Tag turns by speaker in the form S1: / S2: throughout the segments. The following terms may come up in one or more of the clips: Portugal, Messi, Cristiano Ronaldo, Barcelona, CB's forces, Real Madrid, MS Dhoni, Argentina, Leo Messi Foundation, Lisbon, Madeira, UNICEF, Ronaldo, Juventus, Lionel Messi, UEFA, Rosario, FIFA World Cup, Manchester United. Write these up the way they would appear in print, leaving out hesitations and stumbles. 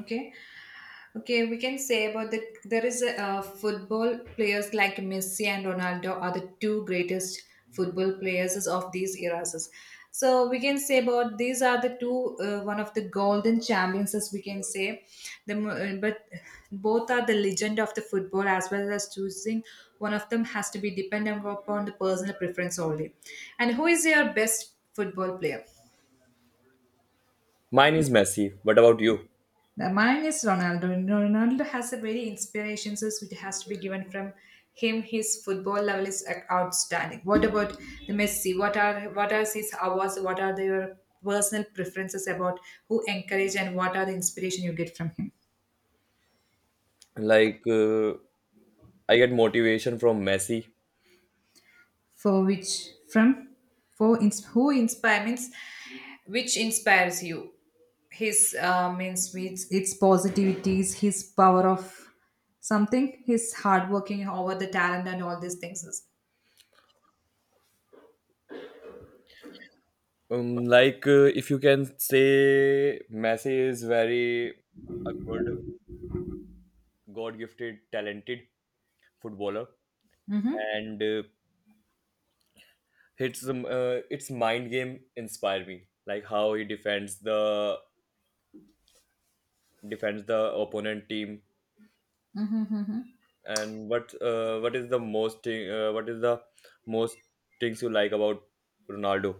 S1: Okay, okay, we can say about the there is a football players like Messi and Ronaldo are the two greatest football players of these eras. So we can say about these are the two one of the golden champions as we can say. But both are the legend of the football as well as choosing one of them has to be dependent upon the personal preference only. And who is your best football player?
S2: Mine is Messi. What about you?
S1: The mine is Ronaldo. Ronaldo has a very inspiration, so which has to be given from him. His football level is outstanding. What about the Messi? What are his hours? What are your personal preferences about who encourage and what are the inspiration you get from him?
S2: Like, uh, I get motivation from Messi.
S1: For which from who inspire means which inspires you? His means with its positivities, his power of something, his hard working over the talent and all these things.
S2: If you can say Messi is very a good, God-gifted, talented footballer, and it's its mind game inspire me. Like how he defends the opponent team, and what is the what is the most things you like about Ronaldo?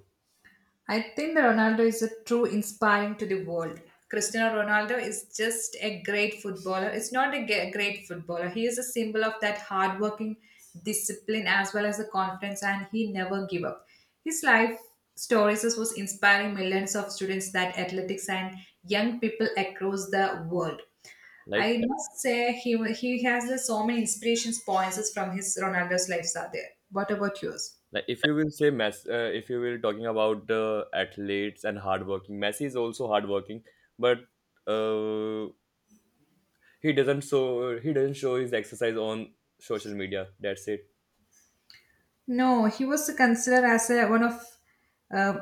S1: I think that Ronaldo is a true inspiring to the world. Cristiano Ronaldo is just a great footballer. It's not a great footballer. He is a symbol of that hardworking discipline as well as the confidence, and he never give up. His life stories was inspiring millions of students that athletics and young people across the world.
S2: Like
S1: I must say he has so many inspirations points from his Ronaldo's lives are there. What about yours?
S2: Like if you will say Messi, if you will talking about the athletes and hardworking, Messi is also hardworking, but uh, he doesn't show his exercise on social media. That's it.
S1: No, he was considered as a, one of uh,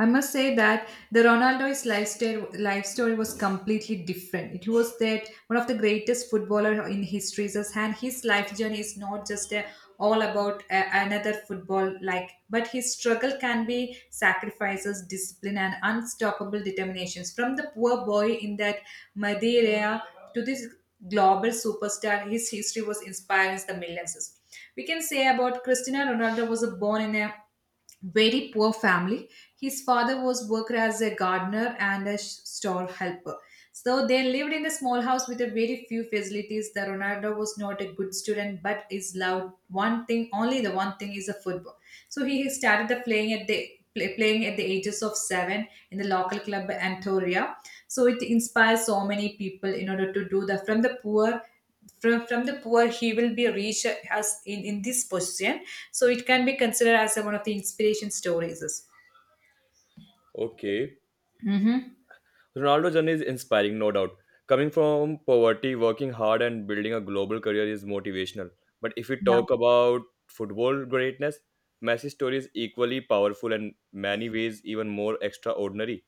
S1: I must say that the Ronaldo's life story was completely different. It was that one of the greatest footballer in history, and his life journey is not just a, all about a, another football like, but his struggle can be sacrifices, discipline, and unstoppable determinations. From the poor boy in that Madeira to this global superstar, his history was inspiring the millions. We can say about Cristiano Ronaldo was born in a very poor family. His father was worker as a gardener and a store helper. So they lived in a small house with a very few facilities. The Ronaldo was not a good student, but is loved one thing only. The one thing is a football. So he started the playing at the play, playing at the ages of seven in the local club Antoria. So it inspires so many people in order to do the from the poor from the poor he will be reached as in this position, so it can be considered as a, one of the inspiration stories.
S2: Okay,
S1: Mhm.
S2: Ronaldo journey is inspiring, no doubt. Coming from poverty, working hard, and building a global career is motivational. But if we
S1: Yeah,
S2: talk about football greatness, Messi's story is equally powerful and many ways even more extraordinary.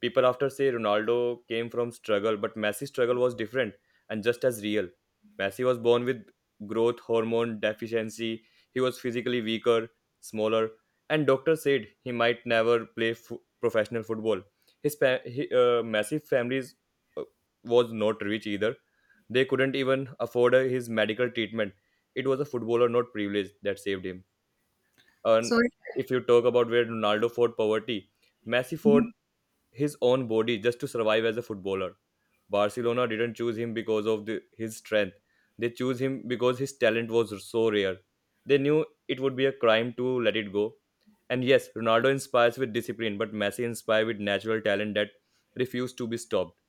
S2: People after say Ronaldo came from struggle, but Messi's struggle was different and just as real. Messi was born with growth hormone deficiency. He was physically weaker, smaller, and doctors said he might never professional football. Messi family's uh, was not rich either. They couldn't even afford his medical treatment. It was a footballer, not privilege, that saved him. And
S1: so.
S2: if you talk about where Ronaldo fought poverty, Messi fought his own body just to survive as a footballer. Barcelona didn't choose him because of his strength. They chose him because his talent was so rare. They knew it would be a crime to let it go. And yes, Ronaldo inspires with discipline, but Messi inspires with natural talent that refused to be stopped.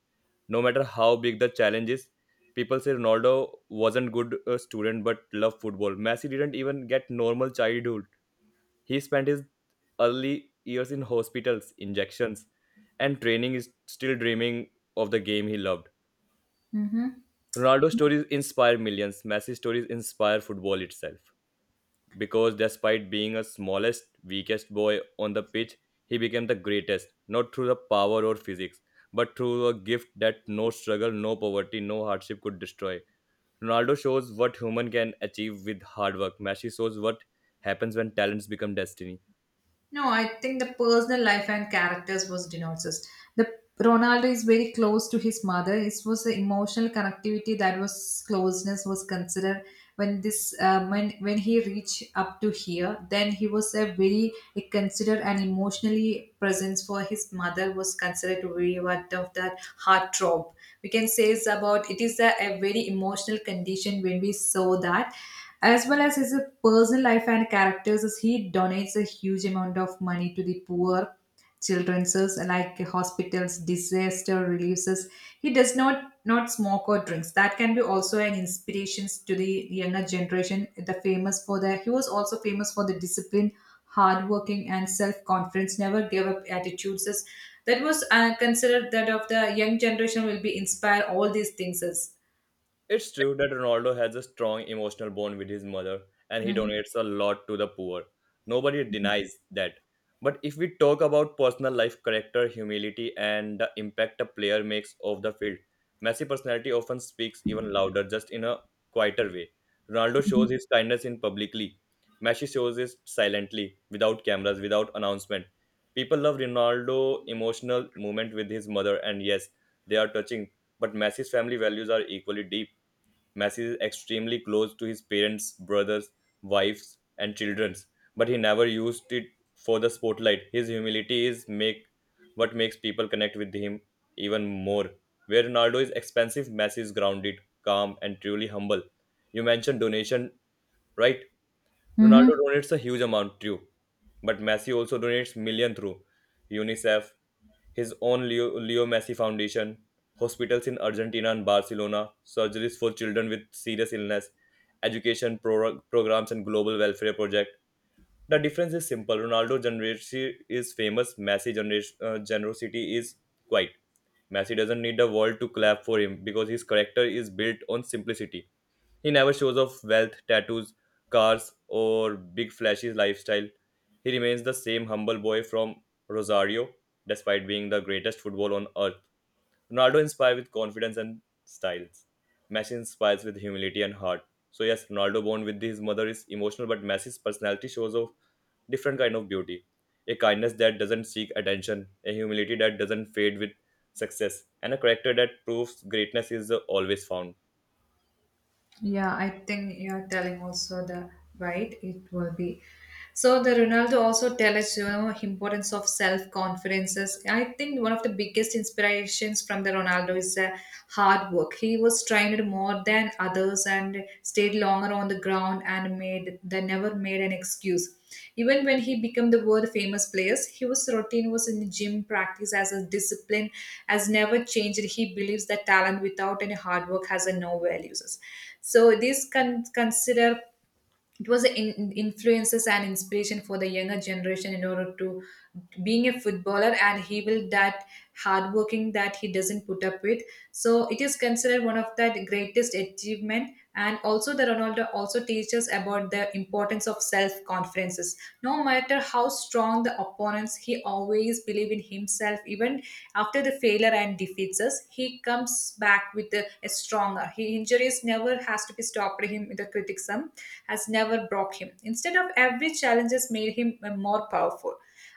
S2: No matter how big the challenge is, people say Ronaldo wasn't good a student but loved football. Messi didn't even get normal childhood he spent his early years in hospitals, injections, and training is still dreaming of the game he loved.
S1: Mhm.
S2: Ronaldo's stories inspire millions. Messi's stories inspire football itself. Because despite being a smallest, weakest boy on the pitch, he became the greatest, not through the power or physics, but through a gift that no struggle, no poverty, no hardship could destroy. Ronaldo shows what human can achieve with hard work. Messi shows what happens when talents become destiny.
S1: No, I think the personal life and characters was denounces. The Ronaldo is very close to his mother. It was the emotional connectivity that was closeness was considered when this when he reached up to here. Then he was a very considered and emotionally presence for his mother was considered to be one of that heart throb. We can say it's about it is a very emotional condition when we saw that, as well as his personal life and characters, as he donates a huge amount of money to the poor children's like hospitals, disaster reliefs. He does not smoke or drinks. That can be also an inspiration to the younger generation. The famous for the He was also famous for the discipline, hardworking, and self confidence. Never give up attitudes. As That was considered that of the young generation will be inspire all these things. As.
S2: It's true that Ronaldo has a strong emotional bond with his mother and he
S1: Mhm.
S2: donates a lot to the poor. Nobody denies that. But if we talk about personal life, character, humility, and the impact a player makes off the field, Messi personality often speaks even louder, just in a quieter way. Ronaldo shows his kindness in publicly. Messi shows it silently, without cameras, without announcement. People love Ronaldo emotional moment with his mother, and yes, they are touching. But Messi's family values are equally deep Messi is extremely close to his parents, brothers, wives, and children, but he never used it for the spotlight. His humility is make What makes people connect with him even more. Where Ronaldo is expensive, Messi is grounded, calm, and truly humble. You mentioned donation, right? Ronaldo
S1: Mhm.
S2: donates a huge amount too, but Messi also donates million through UNICEF, his own Leo Messi Foundation, hospitals in Argentina and Barcelona, surgeries for children with serious illness, programs, and global welfare project. The difference is simple. Ronaldo generosity is famous. Messi generosity is quiet. Messi doesn't need the world to clap for him because his character is built on simplicity. He never shows off wealth, tattoos, cars, or big flashy lifestyle. He remains the same humble boy from Rosario, despite being the greatest football on earth. Ronaldo inspires with confidence and styles. Messi inspires with humility and heart. So yes, Ronaldo born with his mother is emotional, but Messi's personality shows off different kind of beauty. A kindness that doesn't seek attention, a humility that doesn't fade with success, and a character that proves greatness is always found.
S1: Yeah, I think you're telling also the right it will be. So the Ronaldo also tell us importance of self confidences. I think one of the biggest inspirations from the Ronaldo is hard work. He was trained more than others and stayed longer on the ground and made they never made an excuse. Even when he became the world famous players, he was routine was in the gym practice as a discipline has never changed. He believes that talent without any hard work has a no values. So this can consider it was an influences and inspiration for the younger generation in order to being a footballer, and he will that hardworking that he doesn't put up with, so it is considered one of the greatest achievement. And also the Ronaldo also teaches about the importance of self confidences. No matter how strong the opponents, he always believe in himself even after the failure and defeats us. He comes back with a stronger. He injuries never has to be stopped him, with the criticism has never broke him. Instead of every challenges made him more powerful.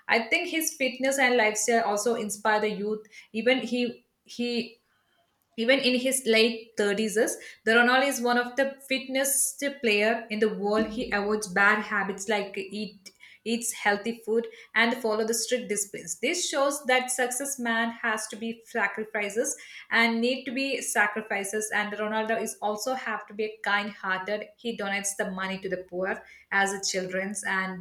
S1: I think his fitness and lifestyle also inspire the youth. Even he even in his late 30s the Ronaldo is one of the fittest player in the world. He avoids bad habits like eats healthy food and follow the strict disciplines. This shows that success man has to be sacrifices and need to be sacrifices, and Ronaldo is also have to be kind hearted. He donates the money to the poor as a children's and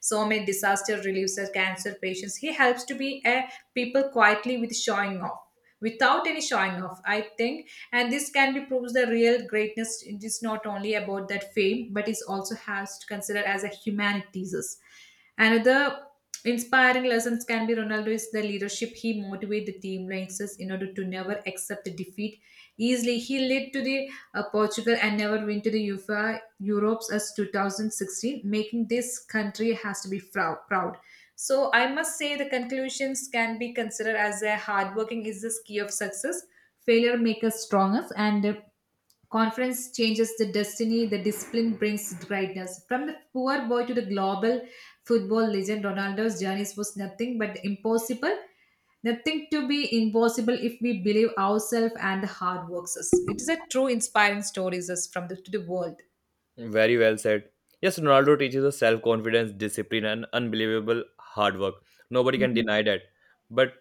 S1: so many disaster relievers cancer patients. He helps to be a people quietly without any showing off, I think, and this can be proves the real greatness is not only about that fame but is also has to consider as a humanities. Another inspiring lessons can be Ronaldo is the leadership. He motivate the team rangers in order to never accept the defeat easily. He led to the Portugal and never win to the UEFA Europe's as 2016, making this country has to be proud. So I must say the conclusions can be considered as a hardworking is the key of success. Failure makes us stronger, and Conference changes the destiny, the discipline brings greatness. From the poor boy to the global football legend, Ronaldo's journey was nothing but impossible. Nothing to be impossible if we believe ourselves and the hard works us. It is a true inspiring story is us to the world.
S2: Very well said. Yes, Ronaldo teaches us self confidence, discipline, and unbelievable hard work. Nobody can
S1: Mhm,
S2: deny that. But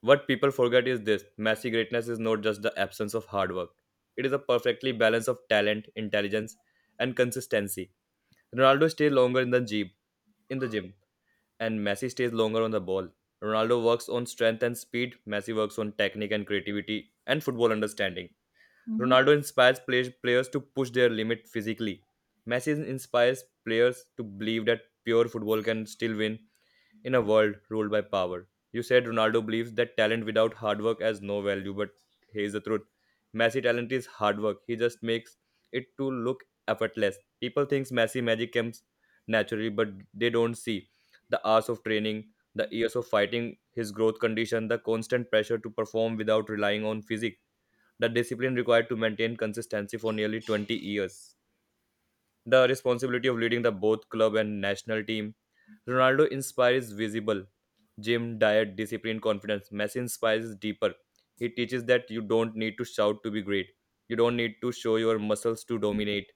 S2: what people forget is this Messi greatness is not just the absence of hard work, it is a perfectly balance of talent, intelligence, and consistency. Ronaldo stays longer in the gym, in the gym, and Messi stays longer on the ball. Ronaldo works on strength and speed, Messi works on technique and creativity, and football understanding.
S1: mhm.
S2: Ronaldo inspires players to push their limit physically. Messi inspires players to believe that pure football can still win in a world ruled by power. You said Ronaldo believes that talent without hard work has no value, but here's the truth. Messi talent is hard work. He just makes it to look effortless. People think Messi magic comes naturally, but they don't see the hours of training, the years of fighting, his growth condition, the constant pressure to perform without relying on physique the discipline required to maintain consistency for nearly 20 years, the responsibility of leading the both club and national team. Ronaldo inspires visible gym, diet, discipline, confidence. Messi inspires deeper. He teaches that you don't need to shout to be great. You don't need to show your muscles to dominate.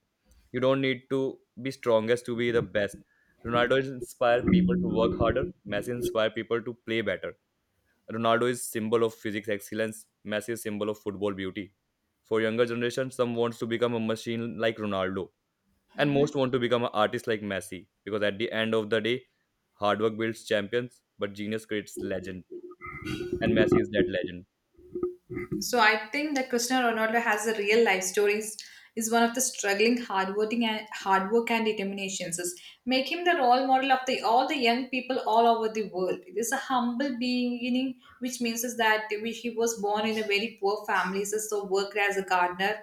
S2: You don't need to be strongest to be the best. Ronaldo inspires people to work harder. Messi inspires people to play better. Ronaldo is symbol of physics excellence, Messi is symbol of football beauty. For younger generation, some wants to become a machine like Ronaldo, and most want to become an artist like Messi. Because at the end of the day, hard work builds champions, but genius creates legend, and Messi is that legend.
S1: So I think that Cristiano Ronaldo has a real life stories is one of the struggling, hardworking and hard work and determinations. Is Make him the role model of the all the young people all over the world. It is a humble beginning, which means is that he was born in a very poor family, so worked as a gardener,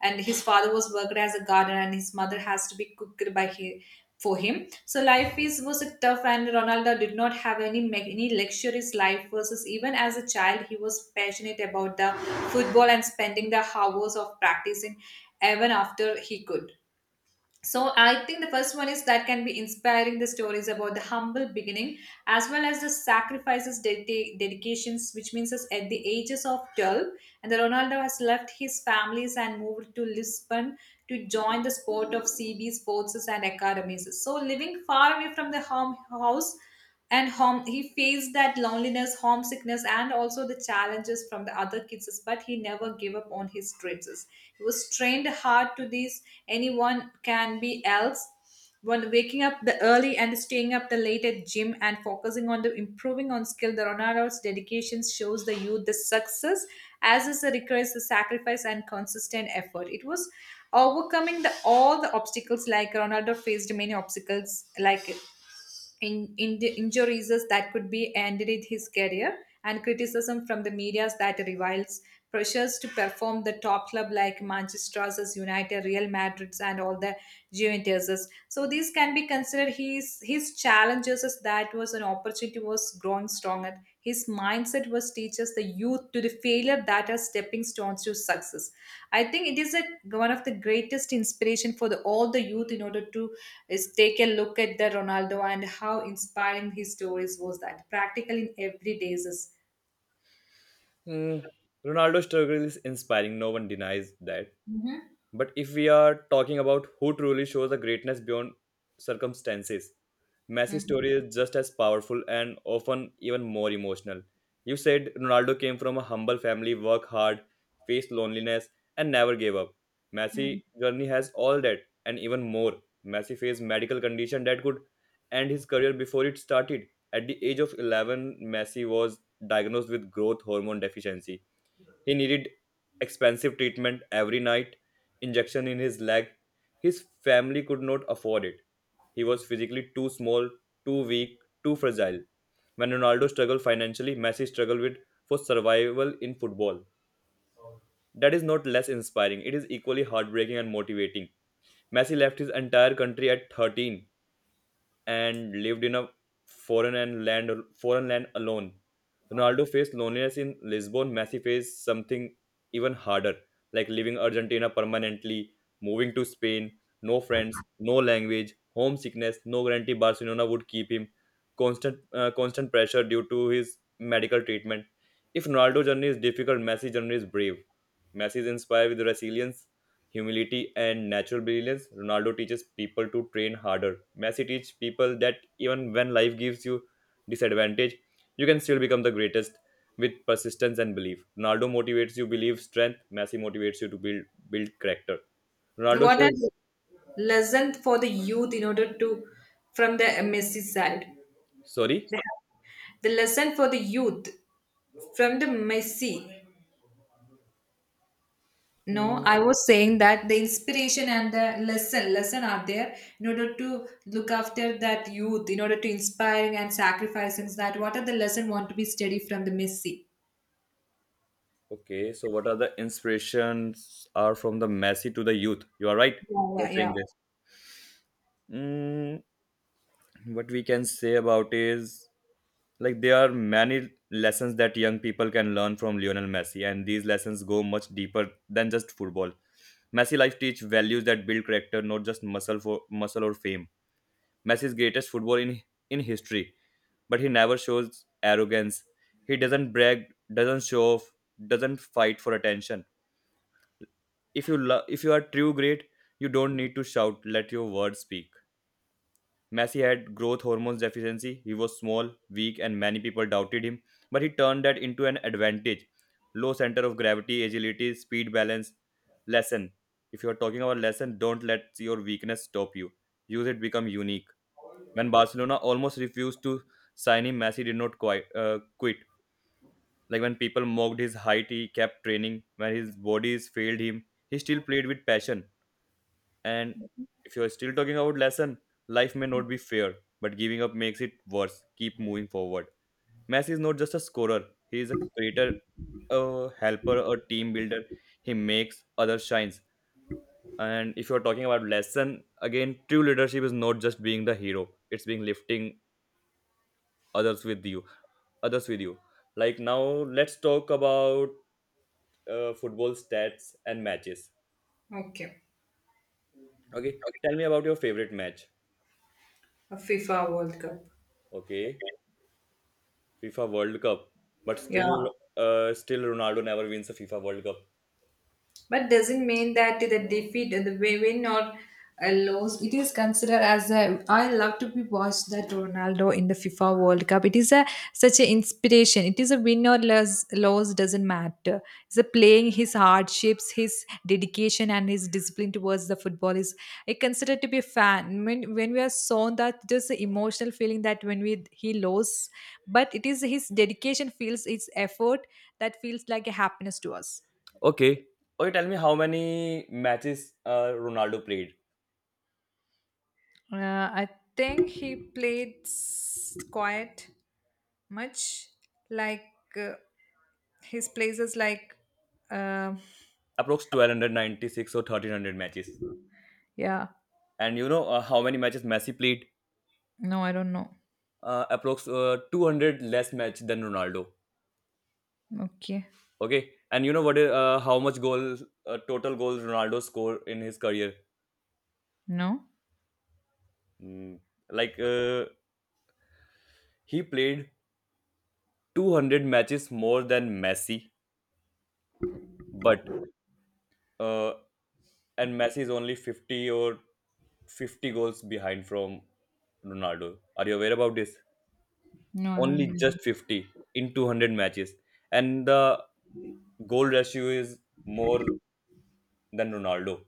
S1: and his father was worked as a gardener, and his mother has to be cooked by he, for him. So life is was a tough, and Ronaldo did not have any luxurious life. Versus even as a child, he was passionate about the football and spending the hours of practicing even after he could. So I think the first one is that can be inspiring the stories about the humble beginning as well as the sacrifices, dedications, which means us at the ages of 12. And the Ronaldo has left his families and moved to Lisbon to join the sport of CB's forces and academies. So living far away from the home house and home, he faced that loneliness, homesickness, and also the challenges from the other kids, but he never gave up on his dreams. He was trained hard to this anyone can be else one, waking up the early and staying up the late at gym and focusing on the improving on skill. The Ronaldo's dedication shows the youth the success as is the requires the sacrifice and consistent effort. It was overcoming the all the obstacles like Ronaldo faced many obstacles like in the injuries that could be ended in his career, and criticism from the media that reviles pressures to perform the top club like Manchester's United, Real Madrid's and all the Juventus's. So these can be considered his challenges as that was an opportunity was grown stronger. His mindset was teaches the youth to the failure that are stepping stones to success. I think it is a, one of the greatest inspiration for the, all the youth in order to is take a look at the Ronaldo and how inspiring his stories was that practical in every days.
S2: Mm, Ronaldo's struggle is inspiring. No one denies that.
S1: Mm-hmm.
S2: But if we are talking about who truly shows the greatness beyond circumstances, Messi's story is just as powerful and often even more emotional. You said Ronaldo came from a humble family, worked hard, faced loneliness, and never gave up.
S1: Mm-hmm.
S2: Messi journey has all that and even more. Messi faced medical condition that could end his career before it started. At the age of 11, Messi was diagnosed with growth hormone deficiency he needed expensive treatment every night, injection in his leg. His family could not afford it. He was physically too small, too weak, too fragile. When Ronaldo struggled financially, Messi struggled with for survival in football. That is not less inspiring. It is equally heartbreaking and motivating. Messi left his entire country at 13 and lived in a foreign land alone. Ronaldo faced loneliness in Lisbon. Messi faced something even harder, like leaving Argentina permanently, moving to Spain, no friends, no language, homesickness, no guarantee Barcelona would keep him, constant pressure due to his medical treatment. If Ronaldo's journey is difficult, Messi's journey is brave. Messi is inspired with resilience, humility, and natural brilliance, Ronaldo teaches people to train harder. Messi teaches people that even when life gives you disadvantage, you can still become the greatest with persistence and belief. Ronaldo motivates you believe strength, Messi motivates you to build character. Ronaldo
S1: What are
S2: shows
S1: the lessons for the youth in order to from the Messi side?
S2: sorry.
S1: The lesson for the youth from the Messi. No,
S2: Hmm,
S1: I was saying that the inspiration and the lesson are there in order to look after that youth, in order to inspiring and sacrificing that. What are the lesson want to be studied from the Messi?
S2: okay, so what are the inspirations are from the Messi to the youth? You are right.
S1: Yeah,
S2: You are
S1: yeah,
S2: saying
S1: yeah.
S2: this. Mm, what we can say about is like there are many lessons that young people can learn from Lionel Messi, and these lessons go much deeper than just football. Messi life teach values that build character, not just muscle for muscle or fame. Messi's greatest football in history, but he never shows arrogance. He doesn't brag, doesn't show off, doesn't fight for attention. If you are true great, you don't need to shout. Let your words speak. Messi had growth hormones deficiency. He was small, weak, and many people doubted him. But he turned that into an advantage. Low center of gravity, agility, speed, balance. Lesson. If you're talking about lesson, don't let your weakness stop you. Use it, become unique. When Barcelona almost refused to sign him, Messi did not quit. Like when people mocked his height, he kept training. When his bodies failed him, he still played with passion. And if you're still talking about lesson, life may not be fair, but giving up makes it worse. Keep moving forward. Messi is not just a scorer; he is a creator, a helper, a team builder. He makes other shines. And if you're talking about lesson, again, true leadership is not just being the hero; it's being lifting others with you, others with you. Like now, let's talk about football stats and matches.
S1: Okay,
S2: Okay, tell me about your favorite match.
S1: a FIFA World Cup.
S2: Okay. FIFA World Cup, but still,
S1: Yeah.
S2: still Ronaldo never wins a FIFA World Cup.
S1: But doesn't mean that the defeat the win or a loss, it is considered as a, I love to be watched that Ronaldo in the FIFA World Cup. It is a such an inspiration. It is a win or loss doesn't matter. It's a playing his hardships, his dedication and his discipline towards the football is, I consider to be a fan when, we are shown that, there's an emotional feeling that when we he lost, but it is his dedication feels his effort that feels like a happiness to us.
S2: Okay. Oh, you tell me how many matches Ronaldo played?
S1: I think he played quite much, like uh, his places like uh,
S2: Approx 1296 or 1300 matches.
S1: yeah.
S2: And you know how many matches Messi played?
S1: No, I don't know.
S2: Approx 200 less match than Ronaldo.
S1: Okay.
S2: Okay. And you know what? How much goals, total goals Ronaldo scored in his career?
S1: No,
S2: Hmm. Like uh, he played 200 matches more than Messi, but uh, and Messi is only 50 or 50 goals behind from Ronaldo. Are you aware about this?
S1: no. I don't
S2: Only
S1: know.
S2: just 50 in 200 matches. And the goal ratio is more than Ronaldo.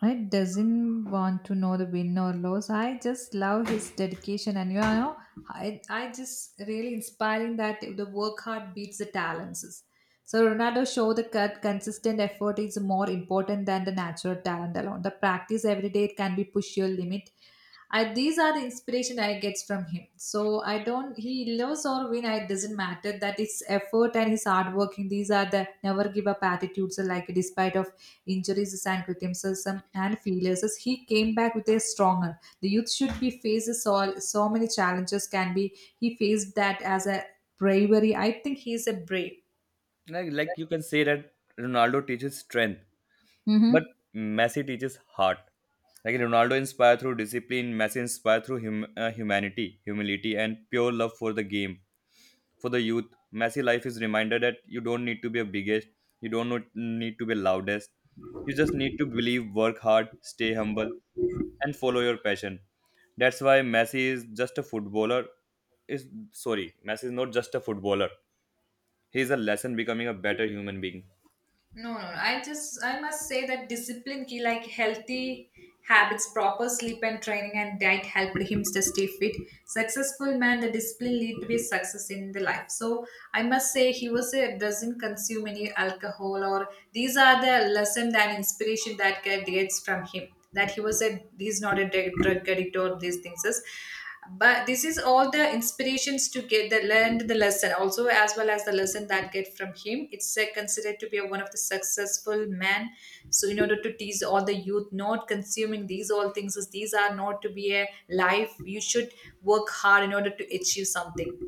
S1: I doesn't want to know the win or loss. I just love his dedication, and I just really inspiring that the work hard beats the talents. So Ronaldo showed the cut consistent effort is more important than the natural talent alone. The practice every day can be push your limit. These are the inspiration I gets from him. So I don't he loves or win. It doesn't matter that his effort and his hard working. These are the never give up attitudes. Like despite of injuries and criticism and failures, he came back with a stronger. The youth should be faces all so many challenges can be he faced that as a bravery. I think he is a
S2: Like you can say that Ronaldo teaches strength,
S1: brave.
S2: but Messi teaches heart. Like Ronaldo inspired through discipline, Messi inspired through humility, and pure love for the game. For the youth, messy life is reminder that you don't need to be a biggest, you don't not- need to be loudest. You just need to believe, work hard, stay humble, and follow your passion. That's why messi is just a footballer is sorry messi is not just a footballer, he is a lesson becoming a better human being.
S1: No, no. No. I just I must say that discipline ki like healthy habits, proper sleep and training and diet helped him to stay fit. Successful man, the discipline lead to his success in the life. So I must say he was a doesn't consume any alcohol, or these are the lesson and inspiration that get- gets from him. That he's not a drug addict or these things, but this is all the inspirations to get the learned the lesson also as well as the lesson that get from him. It's considered to be one of the successful men, so in order to teach all the youth not consuming these all things is these are not to be a life. You should work hard in order to achieve something,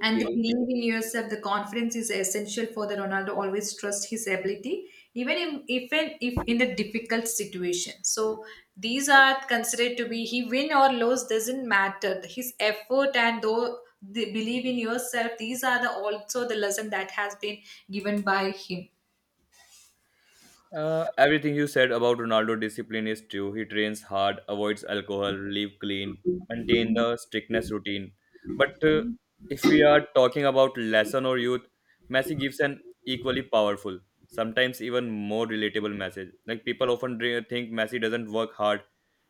S1: and the belief in yourself, the confidence is essential for the Ronaldo. Always trust his ability, even if in the difficult situation. So these are considered to be he win or lose doesn't matter. His effort and though the believe in yourself. These are the also the lesson that has been given by him.
S2: Everything you said about Ronaldo discipline is true. He trains hard, avoids alcohol, live clean, maintain the strictness routine. But if we are talking about lesson or youth, Messi gives an equally powerful, sometimes even more relatable message. Like people often think Messi doesn't work hard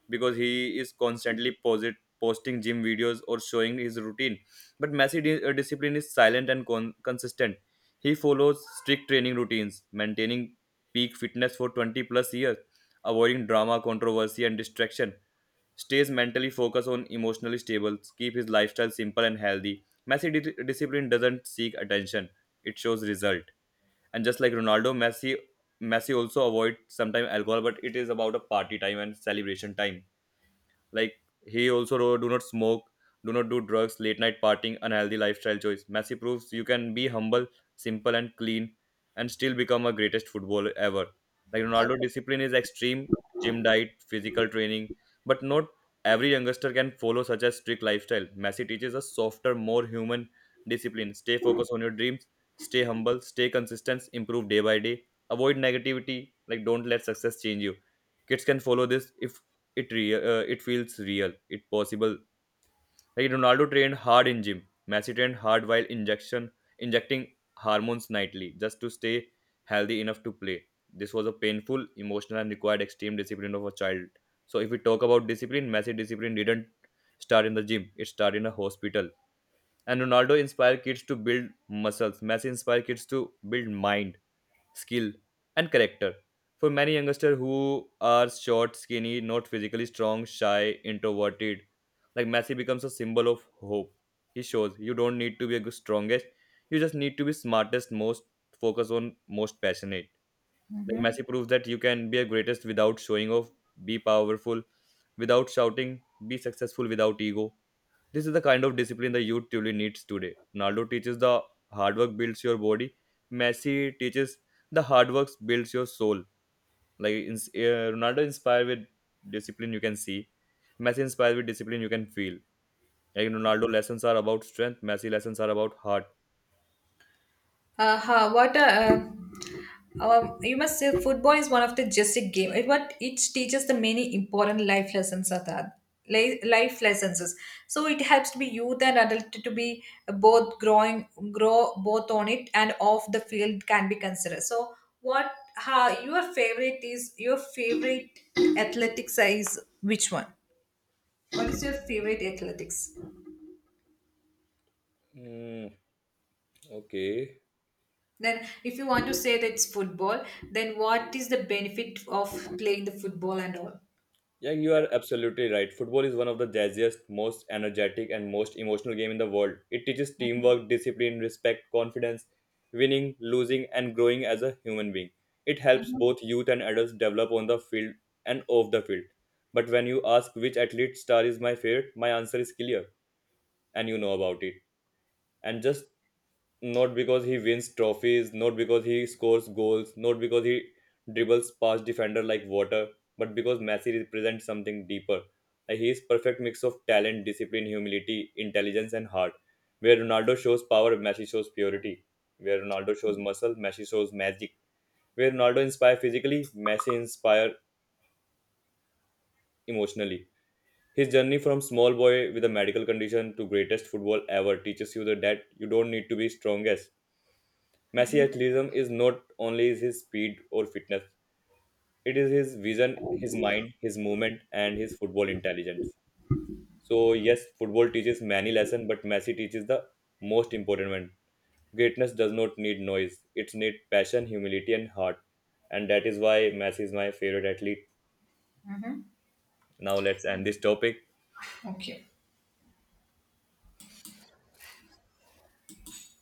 S2: because he is constantly posting gym videos or showing his routine. But Messi discipline is silent and consistent. He follows strict training routines, maintaining peak fitness for 20 plus years, avoiding drama, controversy, and distraction. Stays mentally focused on emotionally stable, keep his lifestyle simple and healthy. Messi discipline doesn't seek attention, it shows result. And just like Ronaldo, Messi also avoid sometimes alcohol, but it is about a party time and celebration time. Like he also wrote, "Do not smoke, do not do drugs, late night partying, unhealthy lifestyle choice." Messi proves you can be humble, simple, and clean, and still become a greatest footballer ever. Like Ronaldo, discipline is extreme, gym diet, physical training, but not every youngster can follow such a strict lifestyle. Messi teaches a softer, more human discipline. Stay focused on your dreams. Stay humble. Stay consistent. Improve day by day. Avoid negativity. Like don't let success change you. Kids can follow this if it feels real, it possible. Like Ronaldo trained hard in gym, Messi trained hard while injection injecting hormones nightly just to stay healthy enough to play. This was a painful, emotional, and required extreme discipline of a child. So if we talk about discipline, Messi discipline didn't start in the gym, it started in a hospital. And Ronaldo inspired kids to build muscles, Messi inspired kids to build mind, skill, and character. For many youngsters who are short, skinny, not physically strong, shy, introverted, like Messi becomes a symbol of hope. He shows you don't need to be the strongest, you just need to be smartest, most focused on, most passionate. Like Messi proves that you can be a greatest without showing off, be powerful without shouting, be successful without ego. This is the kind of discipline the youth truly needs today. Ronaldo teaches the hard work builds your body. Messi teaches the hard work builds your soul. Like Ronaldo inspired with discipline, you can see. Messi inspired with discipline, you can feel. Like Ronaldo lessons are about strength. Messi lessons are about heart.
S1: Uh, huh, what a, you must say football is one of the just a game. It what it teaches the many important life lessons are that life lessons is. So it helps to be youth and adult to be both grow both on it and off the field can be considered. So what, how your favorite is your favorite athletics is, which one? What is your favorite athletics?
S2: Mm, okay.
S1: Then, if you want to say that it's football, then what is the benefit of playing the football and all?
S2: Yeah, you are absolutely right. Football is one of the jazziest, most energetic, and most emotional game in the world. It teaches teamwork, discipline, respect, confidence, winning, losing, and growing as a human being. It helps both youth and adults develop on the field and off the field. But when you ask which athlete star is my favorite, my answer is clear, and you know about it. And just not because he wins trophies, not because he scores goals, not because he dribbles past defender like water, but because Messi represents something deeper. Like he is perfect mix of talent, discipline, humility, intelligence, and heart. Where Ronaldo shows power, Messi shows purity. Where Ronaldo shows muscle, Messi shows magic. Where Ronaldo inspires physically, Messi inspires emotionally. His journey from small boy with a medical condition to greatest football ever teaches you that you don't need to be strongest. Messi athleticism is not only his speed or fitness, it is his vision, his mind, his movement, and his football intelligence. So, yes, football teaches many lessons, but Messi teaches the most important one. Greatness does not need noise, it needs passion, humility, and heart. And that is why Messi is my favorite athlete. Now, let's end this topic.
S1: Okay.